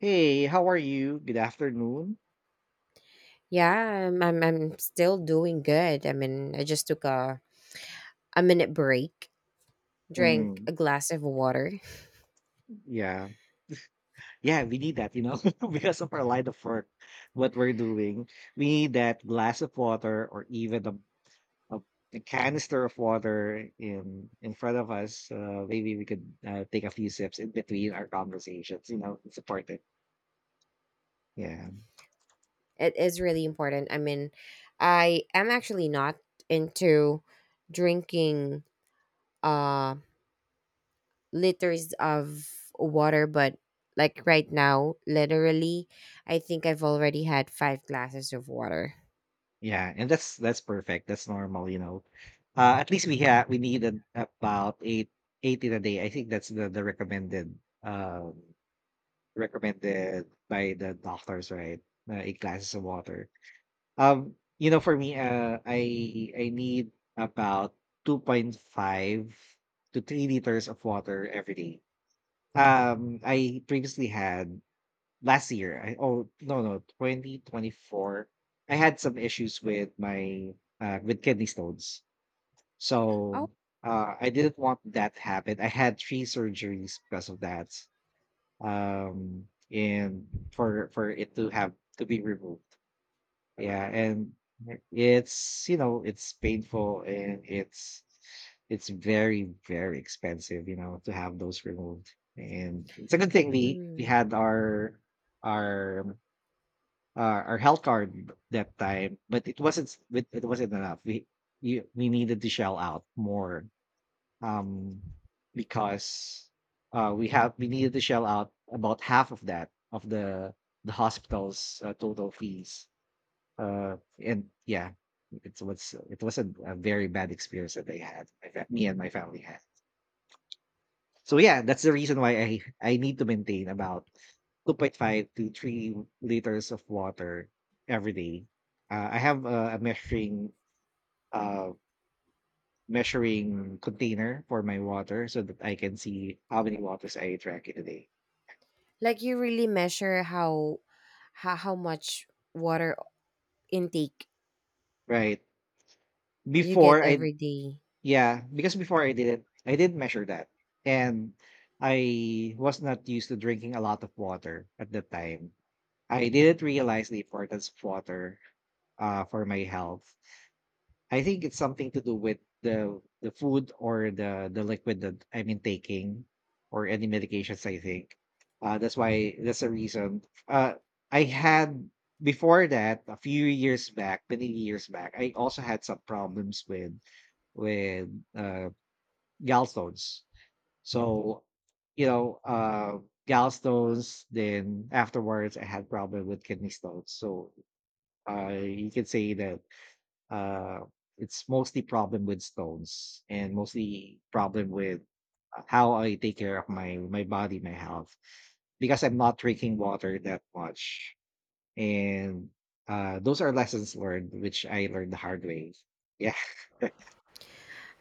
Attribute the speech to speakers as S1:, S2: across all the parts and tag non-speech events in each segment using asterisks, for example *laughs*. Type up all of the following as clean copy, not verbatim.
S1: Hey, how are you? Good afternoon.
S2: Yeah, I'm still doing good. I mean, I just took a minute break, drank
S1: Mm.
S2: a glass of water. *laughs*
S1: Yeah. Yeah, we need that, you know, *laughs* because of our line of work, what we're doing. We need that glass of water or even a, a canister of water in front of us. Maybe we could take a few sips in between our conversations, you know, and support it. Yeah.
S2: It is really important. I mean, I am actually not into drinking uh liters of water, but like right now, literally, I think I've already had five glasses of water.
S1: Yeah. And that's perfect. That's normal, you know. At least we need about eight in a day. I think that's the recommended recommended by the doctors, right? Eight glasses of water. You know, for me, I need about 2.5 to 3 liters of water every day. I previously had last year. I, oh no no, 2024, I had some issues with my with kidney stones,
S2: Oh,
S1: so I didn't want that to happen. I had three surgeries because of that, um and for it to have to be removed, yeah. And right, it's, you know, it's painful, and it's it's very expensive, you know, to have those removed. And it's a good thing, mhm, we
S2: mm.
S1: had our our our health card that time, but it wasn't enough. We needed to shell out more, um, because we needed to shell out about half of that, of the hospital's total fees. Uh, and yeah, it was a very bad experience that they had. Me and my family had. So yeah, that's the reason why I need to maintain about 2.5 to 3 liters of water every day. I have a measuring. Um, measuring container for my water so that I can see how many waters I drank in a day.
S2: Like you really measure how much water intake
S1: Right.
S2: you get
S1: Before I
S2: every day.
S1: yeah, because before I didn't measure that. And I was not used to drinking a lot of water at the time. I didn't realize the importance of water, uh, for my health. I think it's something to do with the food or the liquid that I've been taking, or any medications, I think. That's the reason. Uh I had before that a few years back, many years back. I also had some problems with with uh gallstones. So, you know, uh, gallstones, then afterwards I had problem with kidney stones. So, uh, you can say that uh, it's mostly problem with stones, and mostly problem with how I take care of my body, my health, because I'm not drinking water that much. And those are lessons learned, which I learned the hard way. Yeah.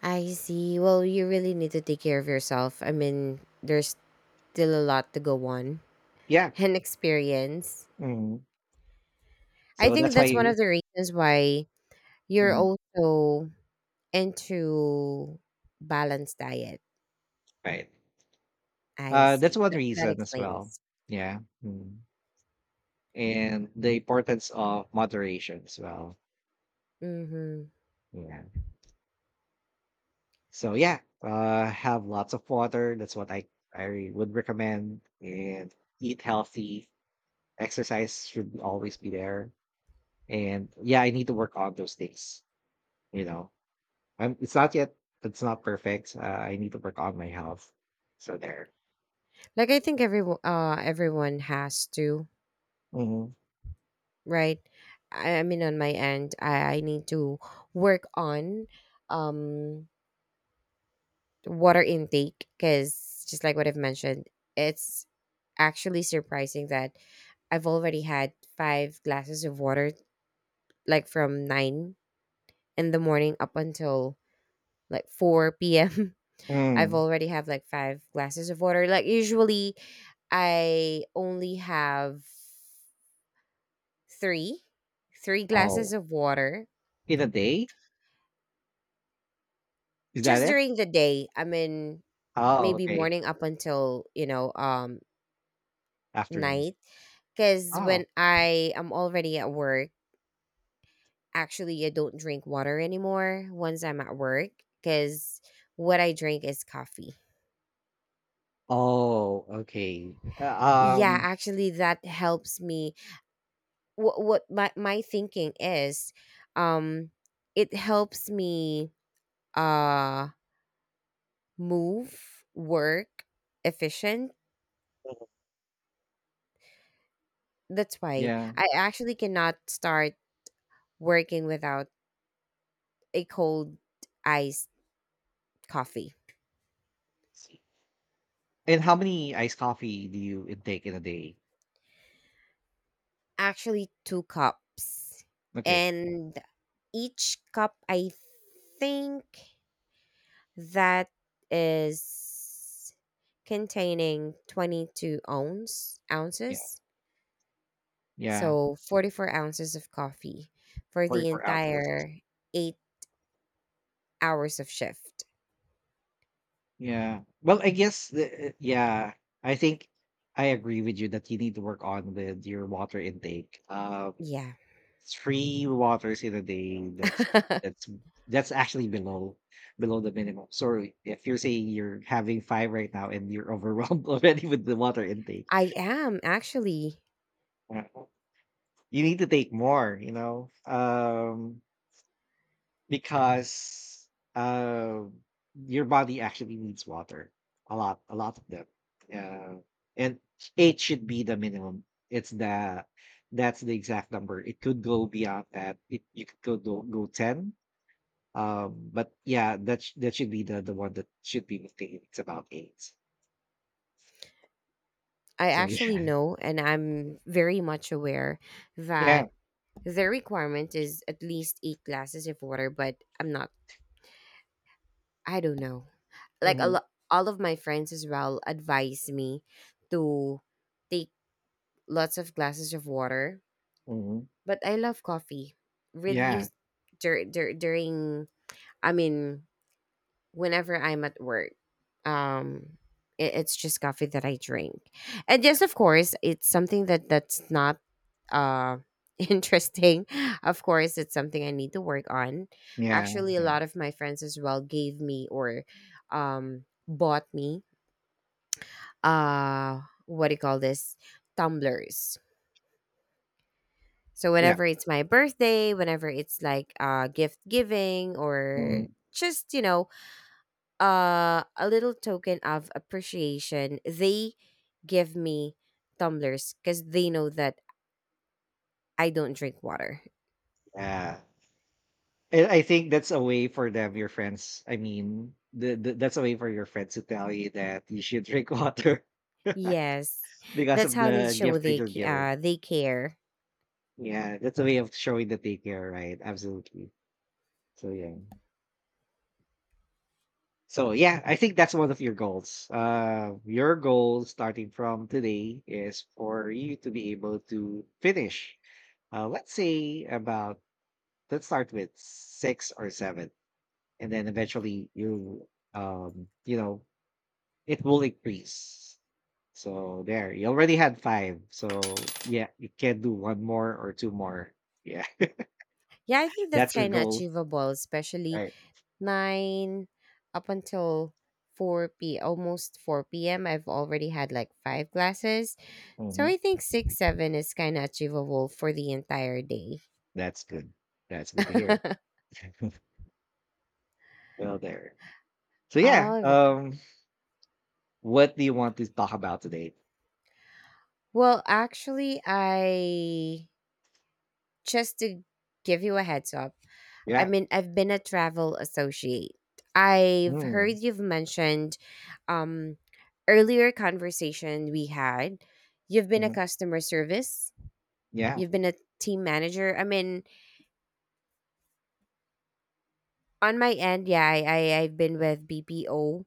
S2: I see. Well, you really need to take care of yourself. I mean, there's still a lot to go on
S1: *laughs* Yeah.
S2: *laughs* and experience.
S1: Mm.
S2: I
S1: So
S2: think
S1: that's
S2: that's one
S1: why,
S2: of the reasons why you're
S1: mm,
S2: also into balanced diet.
S1: right?
S2: I
S1: That's
S2: see.
S1: one
S2: That
S1: reason as well.
S2: explains.
S1: Yeah, mm, and the importance of moderation as well.
S2: Mhm.
S1: Yeah. So yeah, have lots of water. That's what I would recommend. And eat healthy. Exercise should always be there. And yeah, I need to work on those things. You know, I'm. It's not yet. It's not perfect. I need to work on my health. So there.
S2: Like I think everyone has to,
S1: Hmm.
S2: right? I mean, on my end, I need to work on um water intake, cuz just like what I've mentioned, it's actually surprising that I've already had five glasses of water, like from 9 in the morning up until like 4 p.m. I've
S1: Mm.
S2: already have like five glasses of water. Like usually I only have three, three glasses
S1: Oh,
S2: of water,
S1: in a day? Is that
S2: just
S1: it?
S2: during the day. I mean,
S1: Oh,
S2: maybe
S1: okay.
S2: morning up until,
S1: Afternoon.
S2: night. Because
S1: Oh.
S2: when I am already at work, actually, I don't drink water anymore once I'm at work, because what I drink is coffee.
S1: Oh, okay.
S2: Yeah, actually, that helps me. What my thinking is, um it helps me, uh move work efficient. That's why
S1: Yeah.
S2: I actually cannot start working without a cold iced coffee.
S1: And how many iced coffee do you intake in a day?
S2: Actually two cups,
S1: Okay.
S2: and each cup, I think, that is containing 22 ounce
S1: Yeah.
S2: ounces
S1: Yeah.
S2: So 44 ounces of coffee for the
S1: 44 ounces.
S2: entire 8 hours of shift.
S1: Yeah. Well, I guess the, yeah, I think I agree with you that you need to work on with your water intake.
S2: Yeah.
S1: Three waters in a day, that's
S2: *laughs* I
S1: that's that's actually below the minimum. So if you're saying you're having five right now, and you're overwhelmed *laughs* already with the water intake,
S2: am actually.
S1: uh, you need to take more, you know. Because, uh, your body actually needs water, a lot of them. Uh, and 8 should be the minimum. It's the that's the exact number. It could go beyond that. It you could go 10. But yeah, that should be the one that should be maintained. It's about 8.
S2: I
S1: So
S2: actually
S1: yeah.
S2: know, and I'm very much aware
S1: Yeah.
S2: that their requirement is at least eight glasses of water, but I'm not, I don't know. Like,
S1: Mhm.
S2: all of my friends as well advise me to take lots of glasses of water,
S1: Mhm.
S2: but I love coffee. Really,
S1: Yeah.
S2: dur- dur- during, I mean, whenever I'm at work. Um, it's just coffee that I drink, and yes, of course, it's something that's not uh *laughs* interesting. Of course, it's something I need to work on.
S1: Yeah.
S2: Actually, a
S1: Yeah.
S2: lot of my friends as well gave me, or bought me, what do you call this, tumblers. So
S1: Yeah.
S2: whenever it's my birthday, whenever it's like gift giving or
S1: Mhm.
S2: just, a little token of appreciation, they give me tumblers, because they know that I don't drink water.
S1: Yeah. And I think that's a way for them, your friends. I mean, that's a way for your friends to tell you that you should drink water
S2: Yes,
S1: *laughs* because
S2: that's
S1: of
S2: how they
S1: the
S2: show
S1: gift that you're giving.
S2: they care.
S1: Yeah, that's a way of showing that they care, right? Absolutely. So yeah. So yeah, I think that's one of your goals. Your goal starting from today is for you to be able to finish. Let's say about, let's start with six or seven, and then eventually you, you know, it will increase. So there, you already had five. So yeah, you can do one more or two more. Yeah. *laughs*
S2: Yeah, I think that's
S1: That's your
S2: kind of
S1: goal,
S2: achievable, especially
S1: right?
S2: 9 up until 4 p almost 4 p.m. I've already had like five glasses, so
S1: Hmm.
S2: I think six, seven is kind of achievable for the entire day.
S1: That's good. That's good to hear. *laughs*
S2: *laughs*
S1: Well, there. So yeah,
S2: All right.
S1: what do you want to talk about today?
S2: Well, actually, I just to give you a heads up, I
S1: Yeah.
S2: mean, I've been a travel associate. I've
S1: Mm,
S2: heard you've mentioned, um, earlier conversation we had. You've been a
S1: mhm.
S2: customer service.
S1: Yeah.
S2: You've been a team manager. I mean, on my end, yeah, I've been with BPO,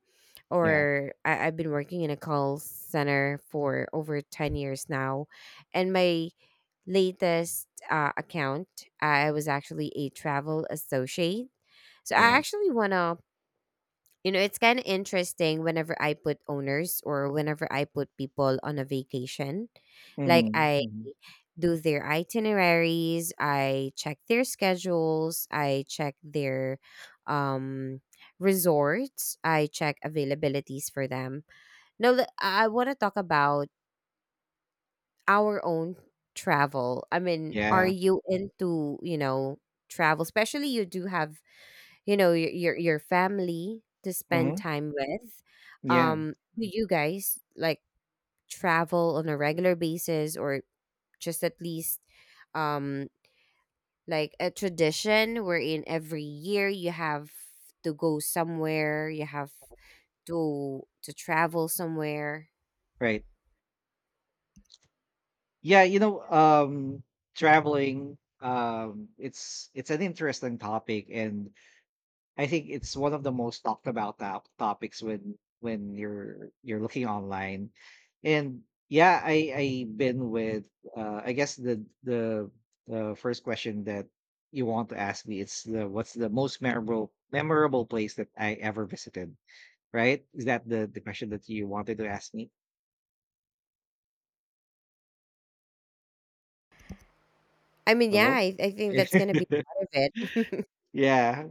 S1: Yeah.
S2: or I've been working in a call center for over 10 years now, and my latest account, I was actually a travel associate. So I
S1: Yeah.
S2: actually wanna, it's kind of interesting whenever I put owners or whenever I put people on a vacation.
S1: Mm-hmm.
S2: Like I
S1: Hmm.
S2: do their itineraries, I check their schedules, I check their um resorts, I check availabilities for them. Now I want to talk about our own travel. I mean, are
S1: Yeah.
S2: you into, travel? Especially you do have, your family to spend
S1: Hmm.
S2: time with.
S1: Yeah.
S2: Do you guys like travel on a regular basis, or just at least, um like a tradition wherein every year you have to go somewhere, you have to travel somewhere?
S1: Right. Yeah. You know, traveling. It's an interesting topic, and I think it's one of the most talked about topics when when you're looking online. And yeah, I been with I guess the first question that you want to ask me is the what's the most memorable place that I ever visited, right? Is that the question that you wanted to ask me?
S2: I mean, yeah,
S1: Hello.
S2: I think that's
S1: *laughs*
S2: gonna be part of it.
S1: Yeah,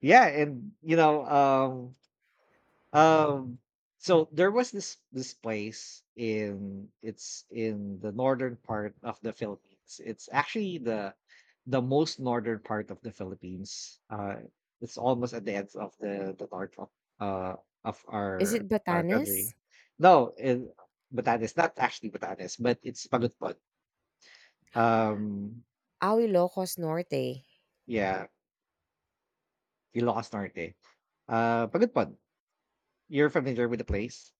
S1: yeah, and you know, Um, so there was this place in, it's in the northern part of the Philippines. It's actually the most northern part of the Philippines. It's almost at the end of the north uh of
S2: *laughs* Is it
S1: our country.
S2: Batanes?
S1: No, in Batanes, not actually Batanes, but it's Pagudpod. Um,
S2: Ah, Ilocos Norte?
S1: yeah, Ilocos Norte. Pagudpod. You're familiar with the place?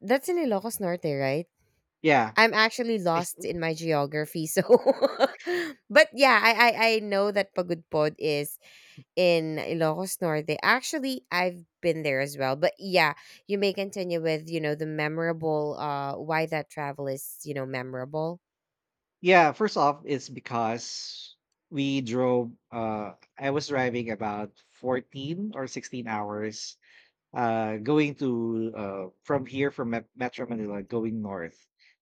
S2: That's in Ilocos Norte, right?
S1: Yeah.
S2: I'm actually lost in my geography. So, *laughs* but yeah, I know that Pagud Pod is in Ilocos Norte. Actually, I've been there as well. But yeah, you may continue with, the memorable, why that travel is, memorable.
S1: Yeah, first off, it's because we drove, uh, I was driving about 14 or 16 hours, uh, going to, uh, from here, from Metro Manila, going north,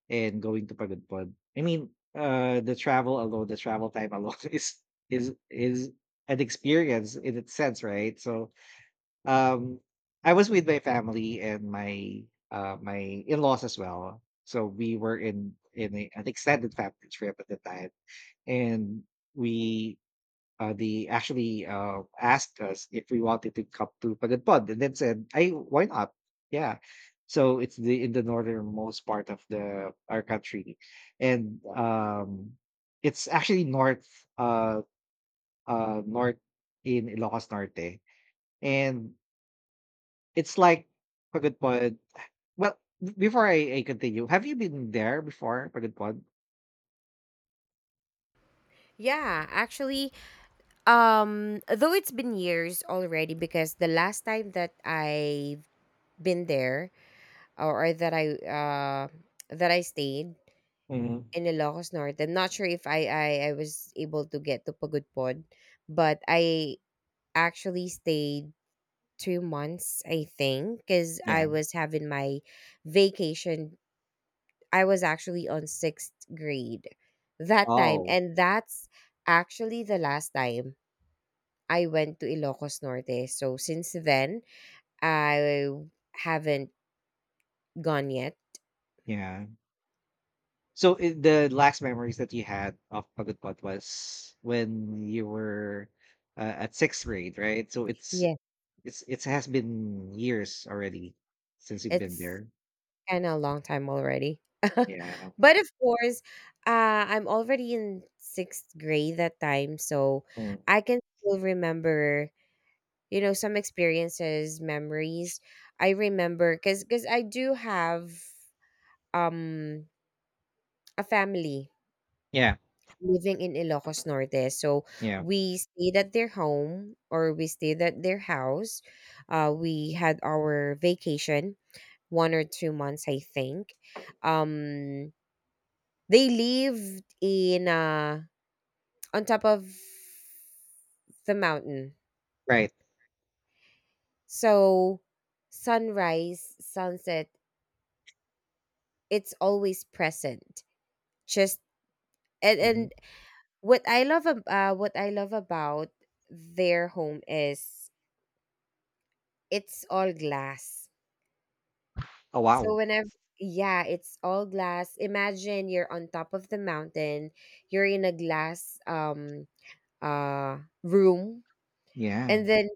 S1: and going to Pagudpud. I mean, uh, the travel alone, the travel time alone *laughs* is is an experience in its sense, right? So um, I was with my family and my, my in-laws as well. So we were in a, an extended family trip at the time, and we they actually, asked us if we wanted to come to Pagudpod, and then said, "I why not? Yeah." So it's the in the northernmost part of the our country, and it's actually north, uh north in Ilocos Norte, and it's like Pagod Pod. Well, before I continue, have you been there before, Pagod Pod?
S2: Yeah, actually, though it's been years already, because the last time that I've been there, or that I stayed
S1: Mhm.
S2: in Ilocos Norte. I'm not sure if I was able to get to Pagudpod, but I actually stayed 2 months, I think, because I
S1: Yeah.
S2: was having my vacation. I was actually on sixth grade that time,
S1: Oh,
S2: and that's actually the last time I went to Ilocos Norte. So since then, I haven't gone yet.
S1: yeah. So I the last memories that you had of Pagod Pod was when you were, at sixth grade, right? So it's
S2: Yeah,
S1: it has been years already since you've been
S2: it's
S1: there.
S2: kind of a long time already. *laughs*
S1: Yeah.
S2: But of course, I'm already in sixth grade that time, so
S1: Mm.
S2: I can still remember, some experiences, memories. I remember, because I do have um a family
S1: Yeah.
S2: living in Ilocos Norte, so
S1: Yeah.
S2: we stayed at their home, or we stayed at their house. We had our vacation 1 or 2 months, I think. Um They lived in, on top of the mountain.
S1: Right.
S2: So sunrise, sunset, it's always present. Just, and,
S1: Mhm.
S2: and what I love about their home is it's all glass.
S1: Oh
S2: So
S1: wow.
S2: whenever Yeah, it's all glass. Imagine you're on top of the mountain, you're in a glass, room,
S1: Yeah.
S2: and then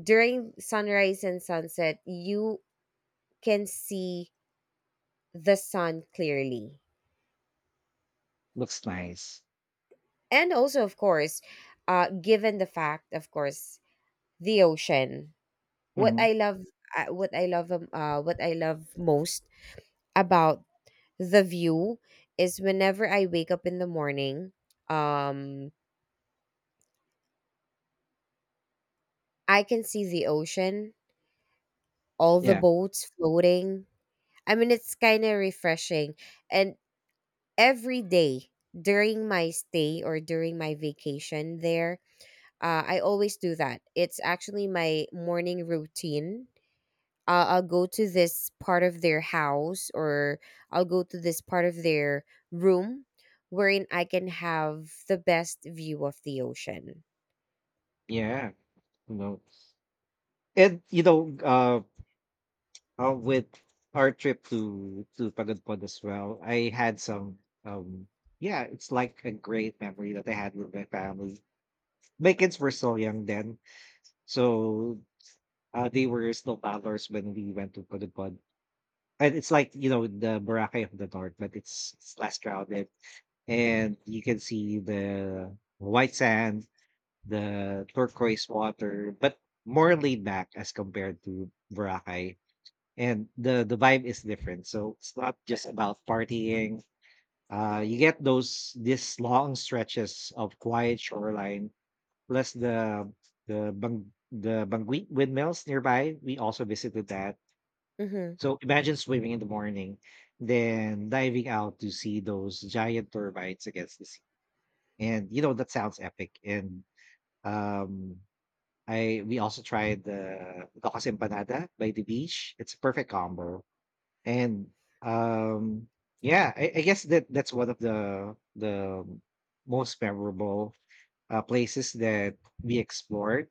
S2: during sunrise and sunset, you can see the sun clearly.
S1: Looks nice.
S2: And also, of course, given the fact, of course, the ocean. What
S1: Mhm.
S2: I love, what what I love most about the view is, whenever I wake up in the morning, um, I can see the ocean, all the
S1: Yeah.
S2: boats floating. I mean, it's kind of refreshing, and every day during my stay or during my vacation there. I always do that. It's actually my morning routine. I'll go to this part of their house, or I'll go to this part of their room, wherein I can have the best view of the ocean.
S1: Yeah. No. And you know, with our trip to Pagod as well, I had some, um, yeah, it's like a great memory that I had with my family. My kids were so young then, so, they were still toddlers when we went to Pagod. And it's like, you know, the Boracay of the North, but it's less crowded, and you can see the white sand, the turquoise water, but more laid back as compared to Boracay. And the vibe is different, so it's not just about partying. Uh, you get those these long stretches of quiet shoreline, plus the banguit windmills nearby. We also visited that.
S2: Hmm.
S1: So imagine swimming in the morning, then diving out to see those giant turbites against the sea. And you know, that sounds epic. And um, I we also tried the Gocas empanada by the beach. It's a perfect combo. And um, yeah, I guess that that's one of the most memorable, places that we explored.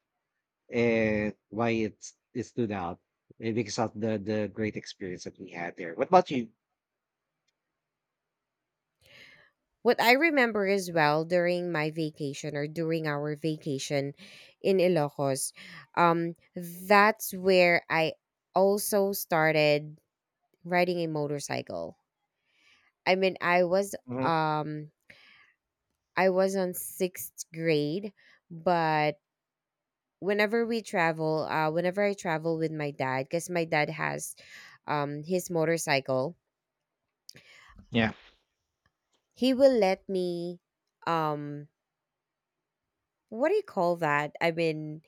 S1: And why it stood out, eh, because of the great experience that we had there. What about you?
S2: What I remember as well during my vacation or during our vacation in Ilocos, that's where I also started riding a motorcycle. I mean,
S1: Hmm.
S2: um I was on sixth grade, but whenever we travel, whenever I travel with my dad, because my dad has his motorcycle,
S1: Yeah.
S2: he will let me, um what do you call that? I mean,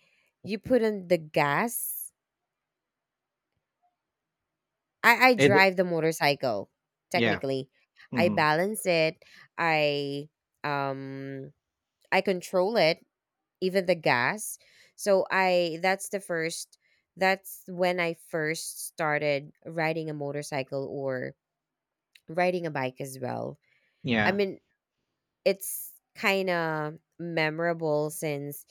S2: you put on the gas. I
S1: It.
S2: drive the motorcycle,
S1: Yeah.
S2: technically. I
S1: Hmm.
S2: balance it. I um I control it, even the gas. So I that's the first that's when I first started riding a motorcycle, or riding a bike as well. I
S1: Yeah.
S2: mean, it's kind of memorable, since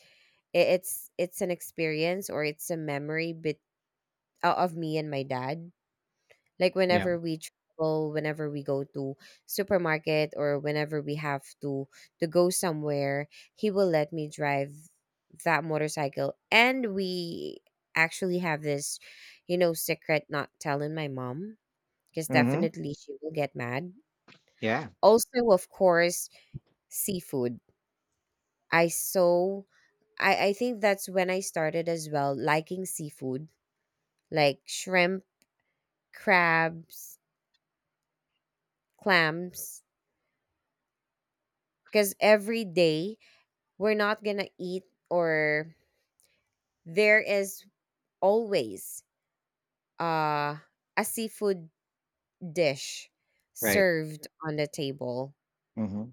S2: it's an experience, or it's a memory, but, of me and my dad. Like
S1: Yeah.
S2: whenever we travel, whenever we go to supermarket, or whenever we have to go somewhere, he will let me drive that motorcycle. And we actually have this, secret, not telling my mom, because
S1: Hmm.
S2: definitely she will get mad.
S1: Yeah.
S2: Also, of course, seafood. I so I think that's when I started as well liking seafood, like shrimp, crabs, clams, because every day we're not gonna eat, or there is always, uh, a seafood dish
S1: Right.
S2: served on the table.
S1: Hmm.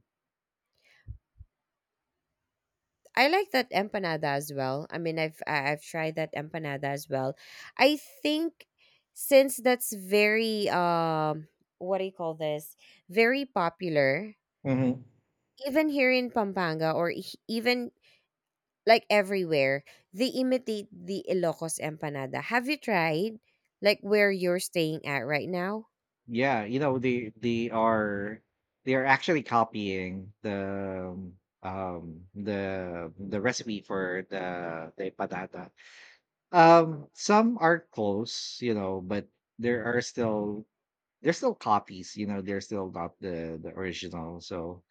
S2: I like that empanada as well. I mean, I've tried that empanada as well, I think, since that's very, what do you call this, very popular,
S1: Hmm.
S2: even here in Pampanga, or e- even like everywhere. They imitate the Ilocos empanada. Have you tried, like where you're staying at right now?
S1: Yeah, you know, they are actually copying the, the recipe for the patata. Some are close, you know, but there are still, there's still copies, you know, they're still not the original. So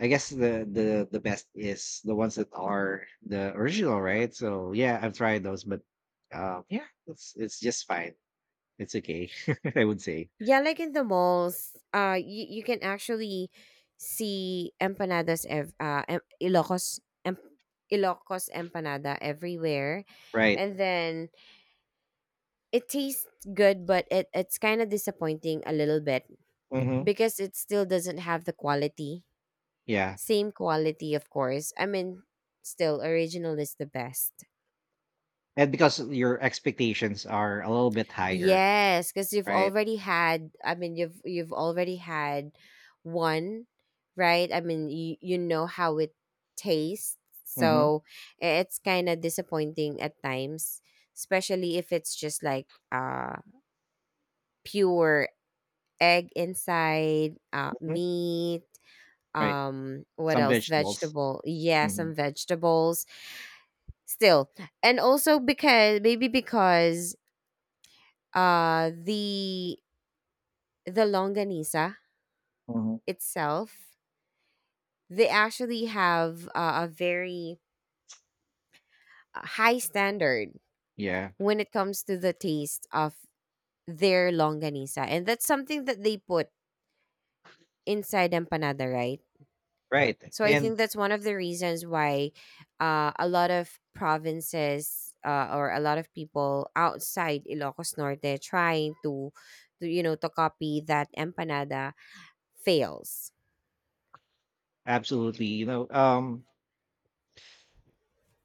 S1: I guess the best is the ones that are the original, right? So yeah, I've tried those, but yeah, it's just fine. It's okay, *laughs* I would say.
S2: Yeah, like in the malls, you can actually see empanadas, em- Ilocos empanada everywhere,
S1: Right.
S2: and then it tastes good, but it's kind of disappointing a little bit,
S1: Mm-hmm.
S2: because it still doesn't have the quality,
S1: Yeah.
S2: same quality, of course. I mean, still original is the best.
S1: And because your expectations are a little bit higher,
S2: Yes, because you've
S1: right?
S2: already had. I mean, you've already had one, right? I mean, you know how it tastes,
S1: Hmm.
S2: so it's kind of disappointing at times, especially if it's just like, pure egg inside,
S1: Hmm.
S2: meat,
S1: Right.
S2: what
S1: Some
S2: else?
S1: vegetables.
S2: Vegetable. Yeah,
S1: Hmm.
S2: some vegetables. Still. And also because maybe, because uh the the longanisa
S1: Hmm.
S2: itself, they actually have, a very, high standard
S1: Yeah.
S2: when it comes to the taste of their longanisa. And that's something that they put inside empanada, right?
S1: Right.
S2: So I
S1: And
S2: think that's one of the reasons why, a lot of provinces, or a lot of people outside Ilocos Norte trying to copy that empanada fails,
S1: absolutely, you know,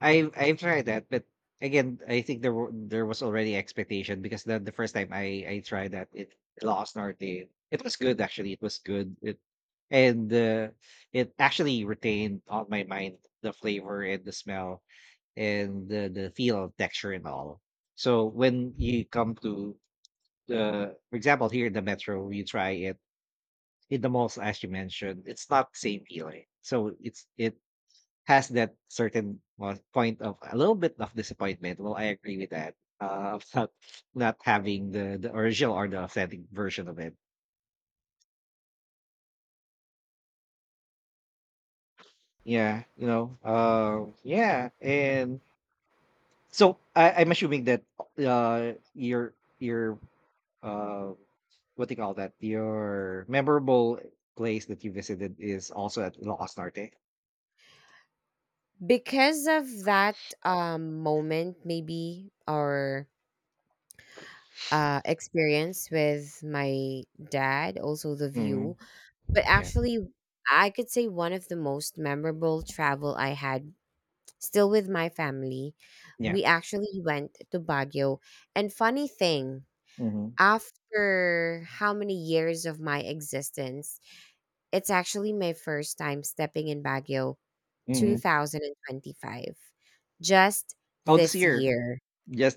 S1: I've tried that, but again, I think there was already expectation because the first time I tried that it lost norte. It was good actually. It was good. It and it actually retained on my mind the flavor and the smell and the feel of texture and all. So when you come to the, for example, here in the metro, you try it in the malls, as you mentioned, it's not the same feeling. So it has that certain point of a little bit of disappointment. Well, I agree with that. Of not, not having the original or the authentic version of it. Yeah, you know. Yeah, and so I'm assuming that your uh, what do you call that? Your memorable place that you visited is also at Ilocos Norte.
S2: because of that, moment maybe, or experience with my dad, also the
S1: Hmm.
S2: view. But
S1: Yeah.
S2: actually, I could say one of the most memorable travel I had still with my family.
S1: Yeah.
S2: We actually went to Baguio. And funny thing,
S1: Mm-hmm.
S2: after how many years of my existence, it's actually my first time stepping in Baguio,
S1: Mm-hmm.
S2: 2025, just
S1: Oh, this
S2: this
S1: year.
S2: year.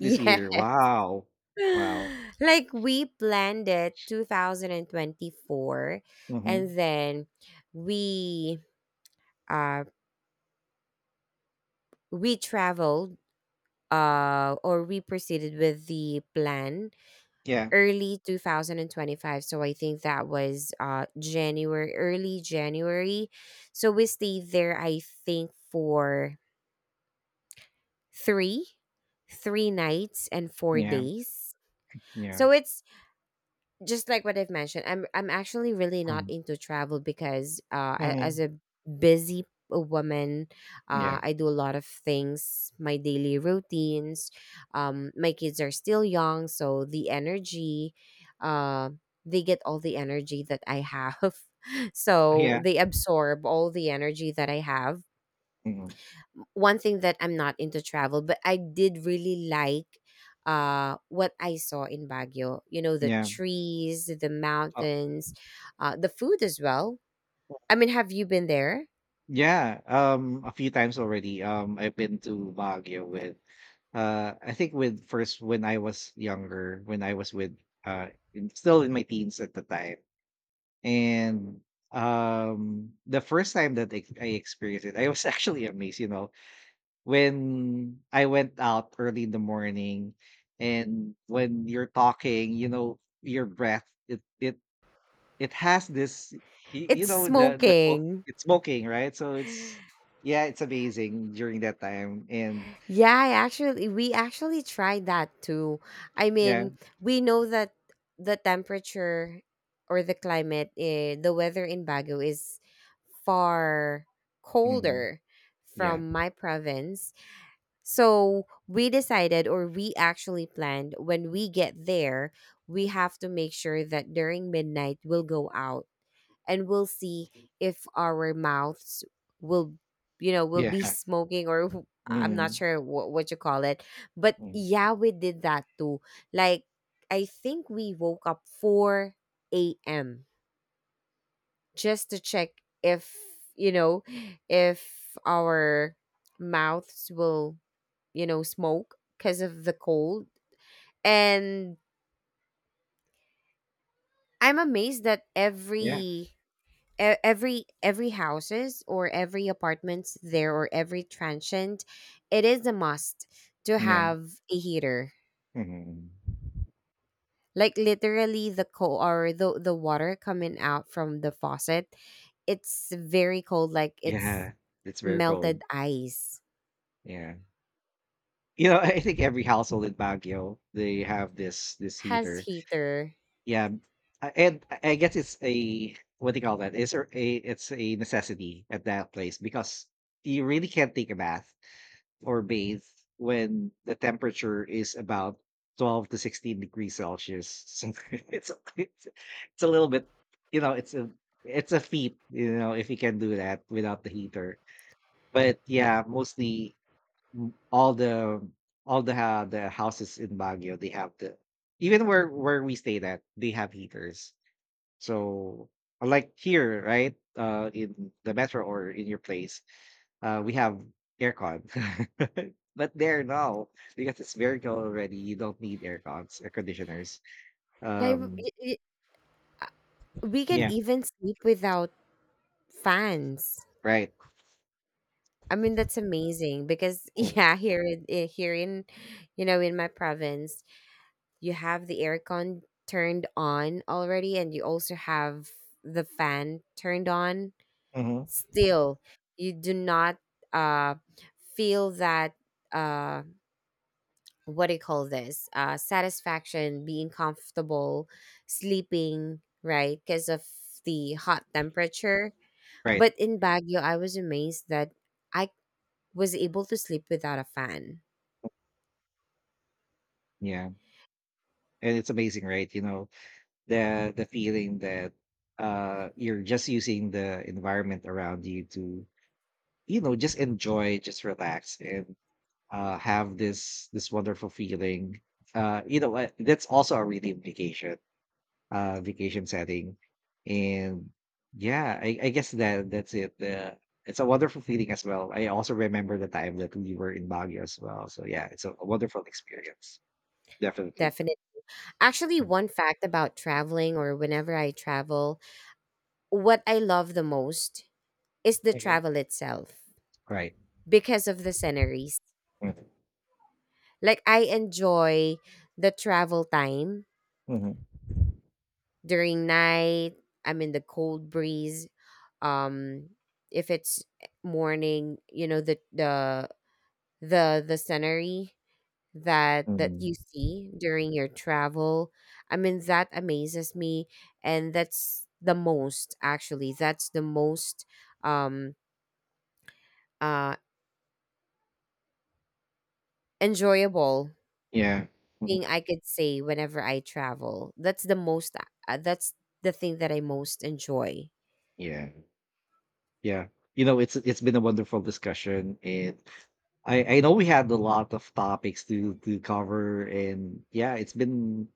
S2: *laughs*
S1: this
S2: Yes.
S1: year. Wow. Wow.
S2: *sighs* *laughs* Like we planned it 2024,
S1: Mm-hmm.
S2: and then we uh we traveled, or we proceeded with the plan
S1: Yeah.
S2: early 2025. So I think that was, January, early January. So we stayed there, I think, for three three nights and four
S1: Yeah.
S2: days
S1: Yeah.
S2: So it's just like what I've mentioned, I'm actually really not into travel because, as
S1: Mm-hmm.
S2: a busy woman,
S1: Yeah.
S2: I do a lot of things, my daily routines. My kids are still young, so the energy, uh, they get all the energy that I have. *laughs* So
S1: Yeah.
S2: they absorb all the energy that I have.
S1: Mm-hmm.
S2: One thing, that I'm not into travel, but I did really like, what I saw in Baguio. You know, the
S1: Yeah.
S2: trees, the mountains, the food as well. I mean, have you been there?
S1: Yeah, a few times already. I've been to Baguio with, I think with first when I was younger, when I was with, uh, in, still in my teens at the time, and the first time that I experienced it, I was *laughs* actually amazed. You know, when I went out early in the morning, and when you're talking, you know, your breath it it has this, you
S2: It's
S1: know,
S2: smoking.
S1: it's smoking, right? So it's yeah, it's amazing during that time, and
S2: Yeah, I actually we actually tried that too. I
S1: yeah,
S2: mean, we know that the temperature or the climate, the weather in Baguio, is far
S1: mhm,
S2: colder
S1: yeah,
S2: from my province. So we decided, or we actually planned, when we get there, we have to make sure that during midnight we'll go out and we'll see if our mouths will, will
S1: yeah,
S2: be *laughs* smoking, I'm not
S1: mhm,
S2: sure what you call it. But
S1: mhm,
S2: yeah, we did that too. Like, I think we woke up 4 a.m. just to check if, you know, if our mouths will, smoke because of the cold. And I'm amazed that every
S1: yeah,
S2: e- every every houses, or every apartments there, or every transient, it is a must to
S1: yeah,
S2: have a heater.
S1: mhm.
S2: Like literally the cold, or the water coming out from the faucet, it's very cold. Like it's
S1: Yeah. It's very cold.
S2: melted ice.
S1: Yeah, you know, *laughs* I think every household in Baguio they have this
S2: Has
S1: heater.
S2: heater.
S1: Yeah, and I guess it's a what do you call that? It's it's a necessity at that place because you really can't take a bath or bathe when the temperature is about 12 to 16 degrees Celsius. So *laughs* it's a little bit, you know, it's a feat, you know, if you can do that without the heater. But yeah, mostly mm, all the ha the houses in Baguio they have the even where we stayed at they have heaters. So unlike here, right? In the metro or in your place, we have aircon. *laughs* But there now, because it's very cold already, you don't need aircons, air conditioners.
S2: Like
S1: Um,
S2: we can
S1: yeah,
S2: even sleep without fans.
S1: right.
S2: I mean, that's amazing, because *laughs*
S1: Mm,
S2: yeah, here in my province, you have the aircon turned on already, and you also have the fan turned on.
S1: mhm,
S2: Still, you do not, uh feel that, uh what do you call this, satisfaction, being comfortable sleeping, right, because of the hot temperature.
S1: right.
S2: But in Baguio, I was amazed that I was able to sleep without a fan.
S1: Yeah. And it's amazing, right? You know, the feeling that you're just using the environment around you to, you know, just enjoy, just relax and have this wonderful feeling. You know what? That's also a really vacation vacation setting. And yeah, I guess that that's it. It's a wonderful feeling as well. I also remember the time that we were in Baguio as well. So yeah, it's a wonderful experience. Definitely.
S2: Definitely. Actually,
S1: Mm.
S2: one fact about traveling, or whenever I travel, what I love the most is the
S1: Mhm.
S2: travel itself,
S1: Right.
S2: because of the sceneries. Like, I enjoy the travel time
S1: Mm-hmm.
S2: during night. I'm in the cold breeze. Um, if it's morning, the scenery that you
S1: Hmm.
S2: see during your travel, I mean, that amazes me. And that's the most, um uh enjoyable
S1: Yeah. Mhm.
S2: thing I could say whenever I travel. That's the thing that I most enjoy.
S1: Yeah. Yeah. You know, it's been a wonderful discussion. And. I know we had a lot of topics to cover, and yeah, it's been.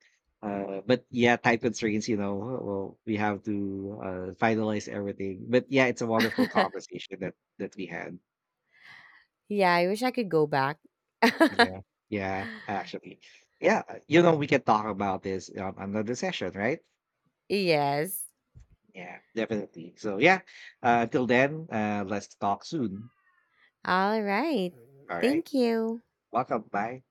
S1: But yeah, time constraints. You know, well, we have to finalize everything. But yeah, it's a
S2: *laughs*
S1: wonderful conversation that that we had.
S2: Yeah, I wish I could go back. *laughs*
S1: Yeah, yeah, actually, yeah. You know, we can talk about this on another session, right?
S2: Yes.
S1: Yeah, definitely. So yeah, until then, let's talk soon.
S2: All right.
S1: All right,
S2: Thank you.
S1: welcome. Bye.